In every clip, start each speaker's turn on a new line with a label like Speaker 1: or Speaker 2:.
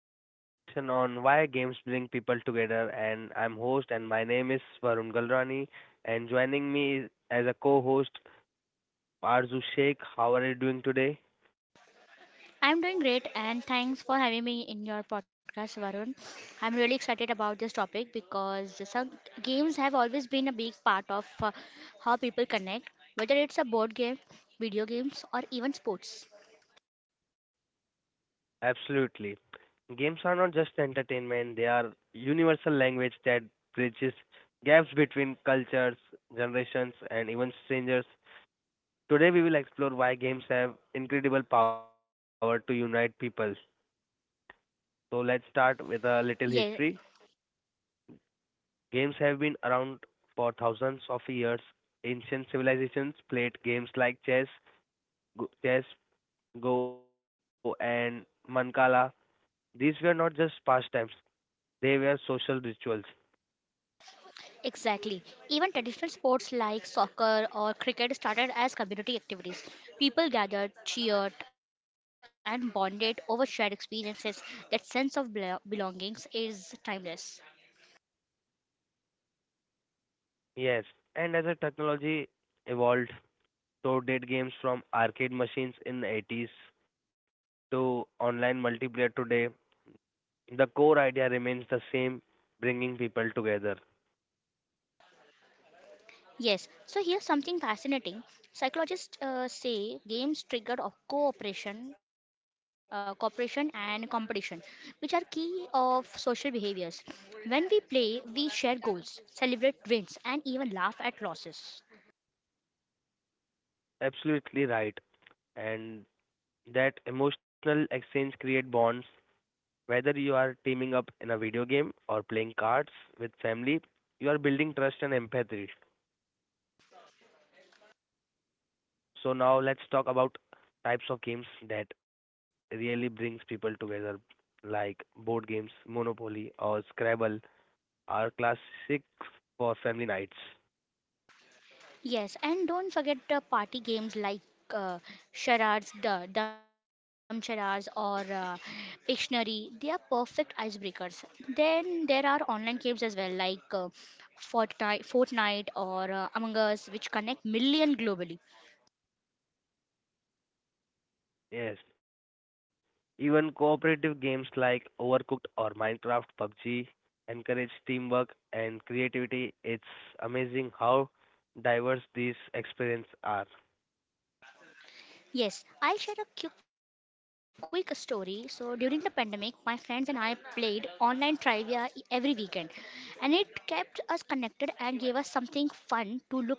Speaker 1: today's discussion on why games bring people together, and I'm host and my name is Varun Galrani, and as a co-host Arzu Sheikh. How are you doing today?
Speaker 2: I'm doing great and thanks for having me in your podcast, Varun. I'm really excited about this topic because some games have always been a big part of how people connect, whether it's a board game, video games, or even sports.
Speaker 1: Absolutely. Games are not just entertainment, they are universal language that bridges gaps between cultures, generations and even strangers. Today we will explore why games have incredible power to unite people. So let's start with
Speaker 2: Yeah,
Speaker 1: a little history. Games have been around for thousands of years. Ancient civilizations played games like chess, go, and mancala. These were not just pastimes; they were social rituals.
Speaker 2: exactly. Even traditional sports like soccer or cricket started as community activities. People gathered, cheered, and bonded over shared experiences. That sense of belongings is timeless.
Speaker 1: Yes, and as a technology evolved, so did games from arcade machines in the 80s to online multiplayer today. The core idea remains the same, bringing people together.
Speaker 2: Yes, so here's something fascinating. Psychologists say games trigger of cooperation, cooperation and competition, which are key of social behaviors. When we play, we share goals, celebrate wins, and even laugh at losses.
Speaker 1: Absolutely right. And that emotional exchange create bonds. Whether you are teaming up in a video game or playing cards with family, you are building trust and empathy. So now let's talk about types of games that really brings people together, like board games. Monopoly or Scrabble are classics for family nights.
Speaker 2: Yes, and don't forget the party games like uh, charades, the dumb charades, or Pictionary. They are perfect icebreakers. Then there are online games as well, like Fortnite or Among Us, which connect million globally.
Speaker 1: Yes. Even cooperative games like Overcooked or Minecraft, PUBG encourage teamwork and creativity. It's amazing how diverse these experiences are.
Speaker 2: Yes, I'll share a quick story. So during the pandemic, my friends and I played online trivia every weekend, and it kept us connected and gave us something fun to look forward to.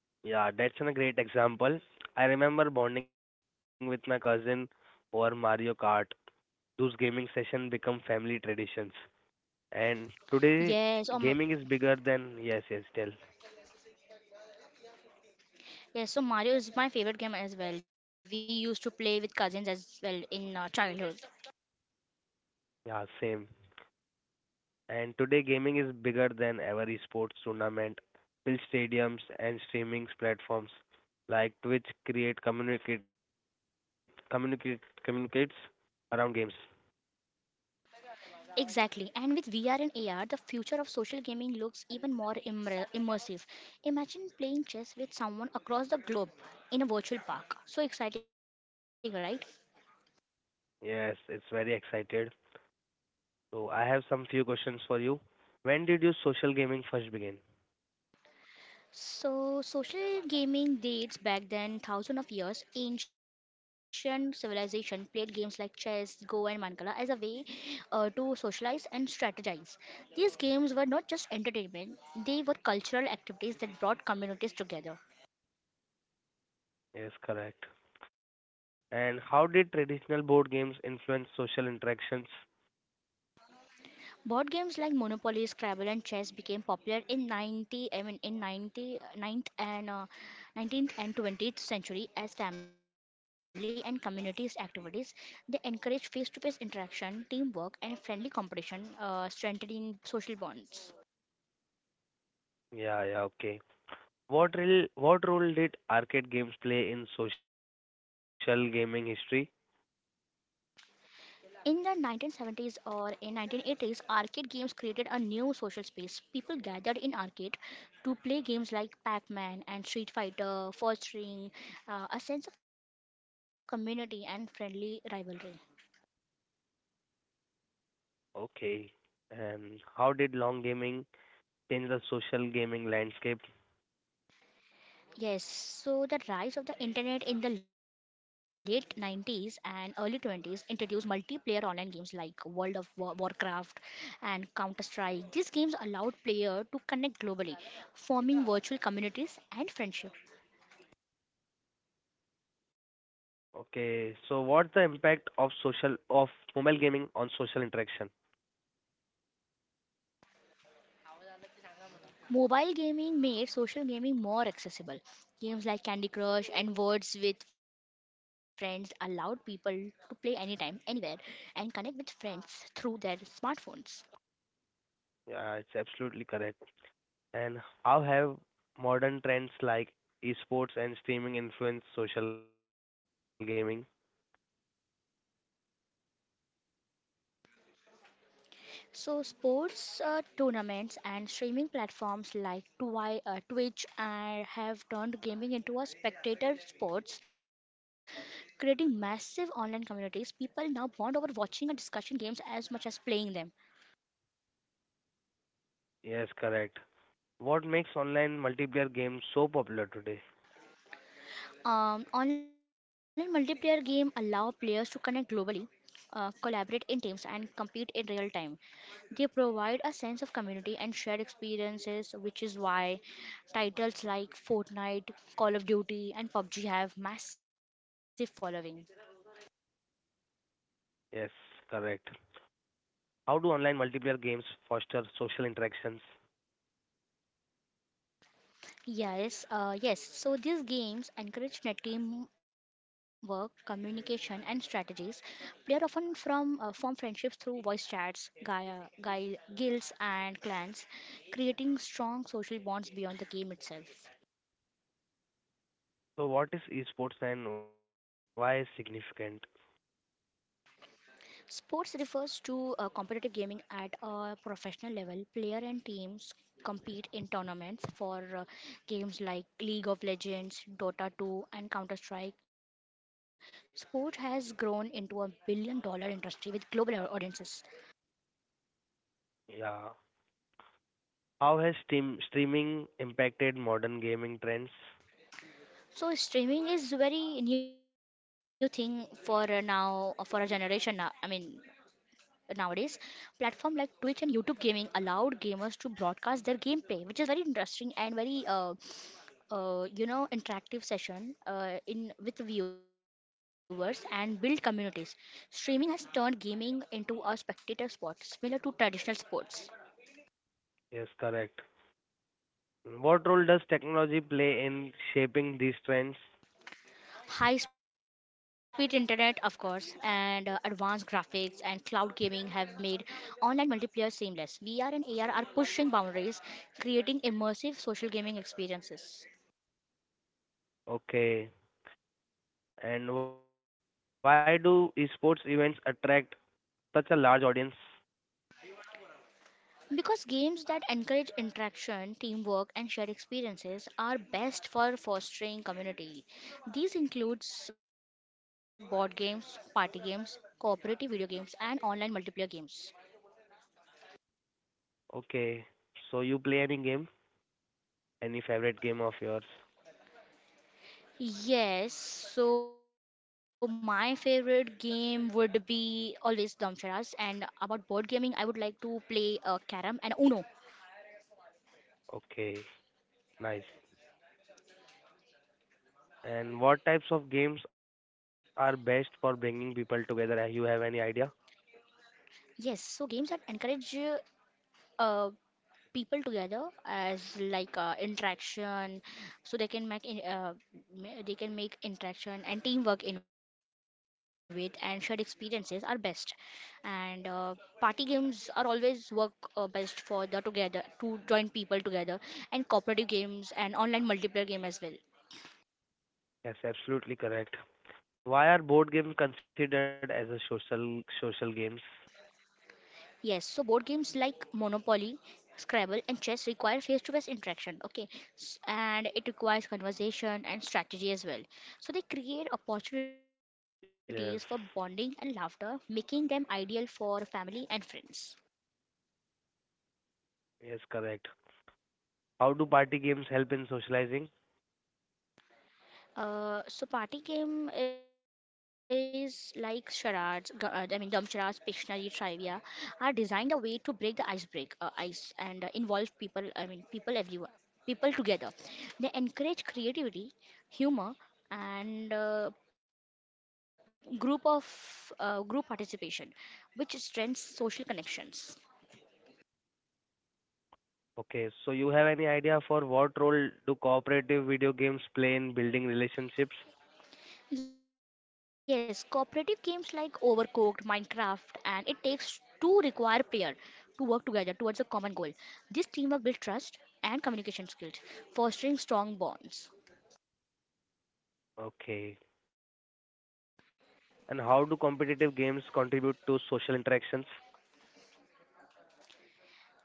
Speaker 1: Yeah, that's a great example. I remember bonding with my cousin over Mario Kart. Those gaming sessions become family traditions. And today,
Speaker 2: Yes, oh,
Speaker 1: gaming is bigger than. Yes, yes, tell.
Speaker 2: Yes, so Mario is my favorite game as well. We used to play with cousins as well in childhood.
Speaker 1: Yeah, same. And today, gaming is bigger than ever, esports tournament, fill stadiums, and streaming platforms like Twitch create communicates around games.
Speaker 2: Exactly. And with VR and AR, the future of social gaming looks even more immersive. Imagine playing chess with someone across the globe in a virtual park. So exciting, right?
Speaker 1: Yes, it's very excited. So I have some few questions for you. When did you social gaming first begin?
Speaker 2: So, social gaming dates back then thousands of years. Ancient civilization played games like chess, Go, and Mancala as a way to socialize and strategize. These games were not just entertainment; they were cultural activities that brought communities together.
Speaker 1: Yes, correct. And how did traditional board games influence social interactions?
Speaker 2: Board games like Monopoly, Scrabble, and chess became popular in 90, I mean in 90, ninth and 19th and 20th century as family and communities activities. They encourage face-to-face interaction, teamwork, and friendly competition, strengthening social bonds.
Speaker 1: Yeah, yeah, okay. What role did arcade games play in social gaming history?
Speaker 2: In the 1970s or in 1980s, arcade games created a new social space. People gathered in arcade to play games like Pac-Man and Street Fighter, fostering a sense of community and friendly rivalry.
Speaker 1: Okay. And how did long gaming change the social gaming landscape?
Speaker 2: Yes, so the rise of the internet in the late 90s and early 20s introduced multiplayer online games like Warcraft and Counter Strike. These games allowed players to connect globally, forming virtual communities and friendships.
Speaker 1: Okay. So what's the impact of social of mobile gaming on social interaction?
Speaker 2: Mobile gaming made social gaming more accessible. Games like Candy Crush and Words with Friends allowed people to play anytime, anywhere, and connect with friends through their smartphones.
Speaker 1: Yeah, it's absolutely correct. And how have modern trends like esports and streaming influenced social gaming?
Speaker 2: So, sports tournaments and streaming platforms like Twitch have turned gaming into a spectator sports, creating massive online communities. People now bond over watching and discussing games as much as playing them.
Speaker 1: Yes, correct. What makes online multiplayer games so popular today?
Speaker 2: Online multiplayer game allow players to connect globally, collaborate in teams, and compete in real time. They provide a sense of community and shared experiences, which is why titles like Fortnite, Call of Duty, and PUBG have massive following.
Speaker 1: Yes, correct. How do online multiplayer games foster social interactions?
Speaker 2: Yes. So these games encourage net teamwork, communication, and strategies. Player often from form friendships through voice chats, guilds, and clans, creating strong social bonds beyond the game itself.
Speaker 1: So, what is esports and why is significant?
Speaker 2: Sports refers to competitive gaming at a professional level. Player and teams compete in tournaments for games like League of Legends, Dota 2, and Counter Strike. Sport has grown into a billion dollar industry with global audiences.
Speaker 1: Yeah. How has streaming impacted modern gaming trends?
Speaker 2: So streaming is very new thing for now for a generation now. I mean nowadays platform like Twitch and YouTube gaming allowed gamers to broadcast their gameplay, which is very interesting and very interactive session in with viewers and build communities. Streaming has turned gaming into a spectator sport similar to traditional sports.
Speaker 1: Yes, correct. What role does technology play in shaping these trends?
Speaker 2: High speed internet of course, and advanced graphics and cloud gaming have made online multiplayer seamless. VR and AR are pushing boundaries, creating immersive social gaming experiences.
Speaker 1: Okay. And why do esports events attract such a large audience?
Speaker 2: Because games that encourage interaction, teamwork, and shared experiences are best for fostering community. These includes board games, party games, cooperative video games, and online multiplayer games.
Speaker 1: Okay, so you play any game? Any favorite game of yours?
Speaker 2: Yes, so my favorite game would be always Damcharas, and about board gaming, I would like to play Carom and Uno.
Speaker 1: Okay, nice. And what types of games are best for bringing people together? You have any idea?
Speaker 2: Yes, so games that encourage uh, people together as like interaction so they can make they can make interaction and teamwork in with and shared experiences are best, and party games are always work best for the together to join people together, and cooperative games and online multiplayer game as well.
Speaker 1: Yes, absolutely correct. Why are board games considered as a social games?
Speaker 2: Yes, so board games like Monopoly, Scrabble, and chess require face-to-face interaction. Okay, and it requires conversation and strategy as well. So they create opportunities for
Speaker 1: Yes,
Speaker 2: bonding and laughter, making them ideal for family and friends.
Speaker 1: yes, correct. How do party games help in socializing?
Speaker 2: So party game is like charades, I mean dumb charades, Pictionary, trivia, are designed a way to break the ice break ice and involve people. I mean people everyone, people together. They encourage creativity, humor, and group participation, which strengthens social connections.
Speaker 1: Okay, so you have any idea for what role do cooperative video games play in building relationships?
Speaker 2: Yes, cooperative games like Overcooked, Minecraft, and it takes two require player to work together towards a common goal. This teamwork builds trust and communication skills, fostering strong bonds.
Speaker 1: Okay. And how do competitive games contribute to social interactions?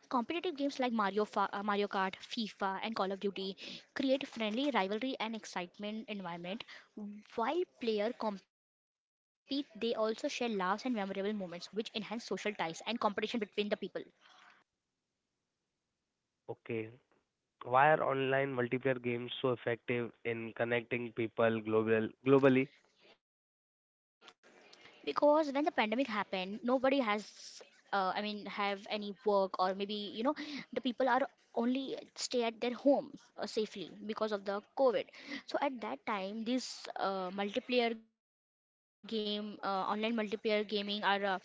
Speaker 2: Competitive games like Mario Kart, FIFA, and Call of Duty create friendly rivalry and excitement environment. While players compete, they also share laughs and memorable moments, which enhance social ties and competition between the people.
Speaker 1: Okay. Why are online multiplayer games so effective in connecting people globally?
Speaker 2: Because when the pandemic happened, nobody has, I mean, have any work or maybe, you know, the people are only stay at their home safely because of the COVID. So at that time, this online multiplayer gaming are uh,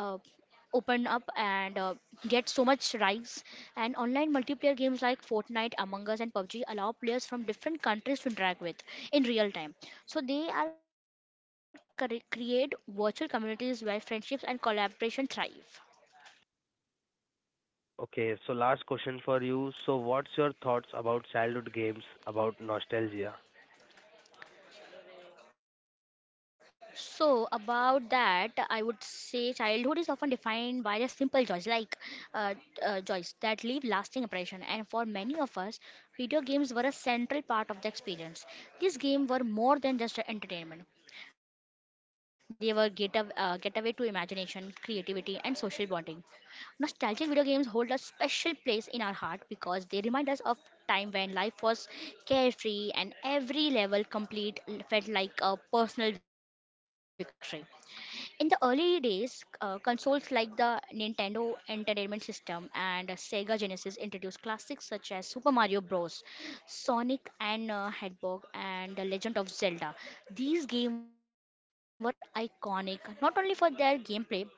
Speaker 2: open up and get so much rise, and online multiplayer games like Fortnite, Among Us, and PUBG allow players from different countries to interact with in real time. So they are create virtual communities where friendships and collaboration thrive.
Speaker 1: Okay, so last question for you. So what's your thoughts about childhood games, about nostalgia?
Speaker 2: So, about that, I would say childhood is often defined by the simple joys, like uh, joys that leave lasting impression. And for many of us, video games were a central part of the experience. These games were more than just entertainment; they were getaway to imagination, creativity, and social bonding. Nostalgic video games hold a special place in our heart because they remind us of time when life was carefree and every level complete felt like a personal victory. In the early days, consoles like the Nintendo Entertainment System and Sega Genesis introduced classics such as Super Mario Bros., Sonic and Hedgehog, and The Legend of Zelda. These games were iconic not only for their gameplay but also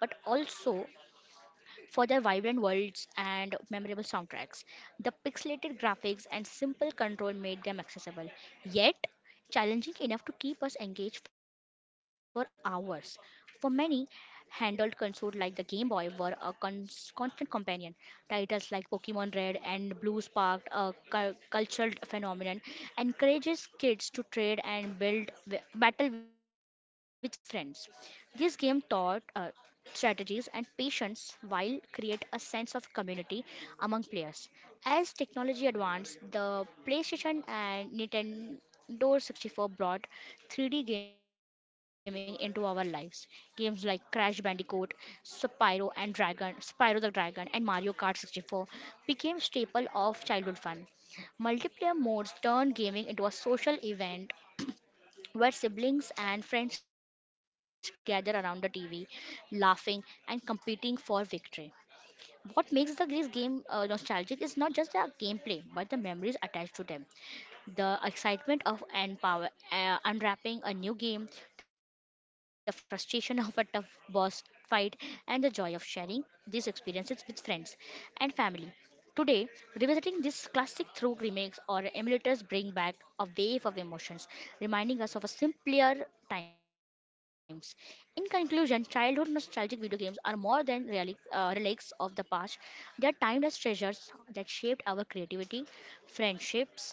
Speaker 2: for their vibrant worlds and memorable soundtracks. The pixelated graphics and simple control made them accessible, yet challenging enough to keep us engaged for hours. For many, handheld consoles like the Game Boy were a constant companion. Titles like Pokemon Red and Blue sparked a cultural phenomenon, encourages kids to trade and build battle with friends. This game taught strategies, and patience while create a sense of community among players. As technology advanced, the PlayStation and Nintendo 64 brought 3D gaming into our lives. Games like Crash Bandicoot, Spyro the Dragon, and Mario Kart 64 became staple of childhood fun. Multiplayer modes turned gaming into a social event where siblings and friends gather around the TV, laughing and competing for victory. What makes the Greece game nostalgic is not just the gameplay, but the memories attached to them, the excitement of and power, unwrapping a new game, the frustration of a tough boss fight, and the joy of sharing these experiences with friends and family. Today, revisiting this classic through remakes or emulators bring back a wave of emotions, reminding us of a simpler times. In conclusion, childhood nostalgic video games are more than relics of the past. They are timeless treasures that shaped our creativity, friendships,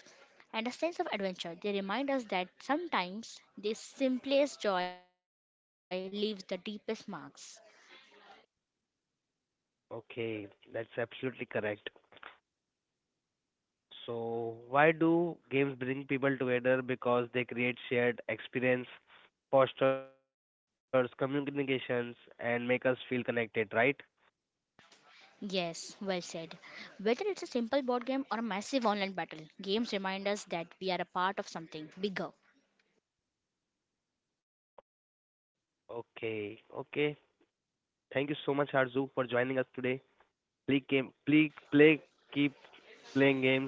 Speaker 2: and a sense of adventure. They remind us that sometimes the simplest joy leaves the deepest marks.
Speaker 1: Okay, that's absolutely correct. So why do games bring people together? Because they create shared experience, fosters communications, and make us feel connected, right?
Speaker 2: Yes, well said. Whether it's a simple board game or a massive online battle, games remind us that we are a part of something bigger.
Speaker 1: Okay, okay. Thank you so much, Arzu, for joining us today. Please game, please play, keep playing games,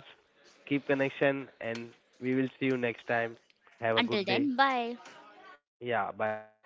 Speaker 1: keep connection, and we will see you next time. Have a
Speaker 2: Until
Speaker 1: good day.
Speaker 2: then, bye.
Speaker 1: Yeah, bye bye.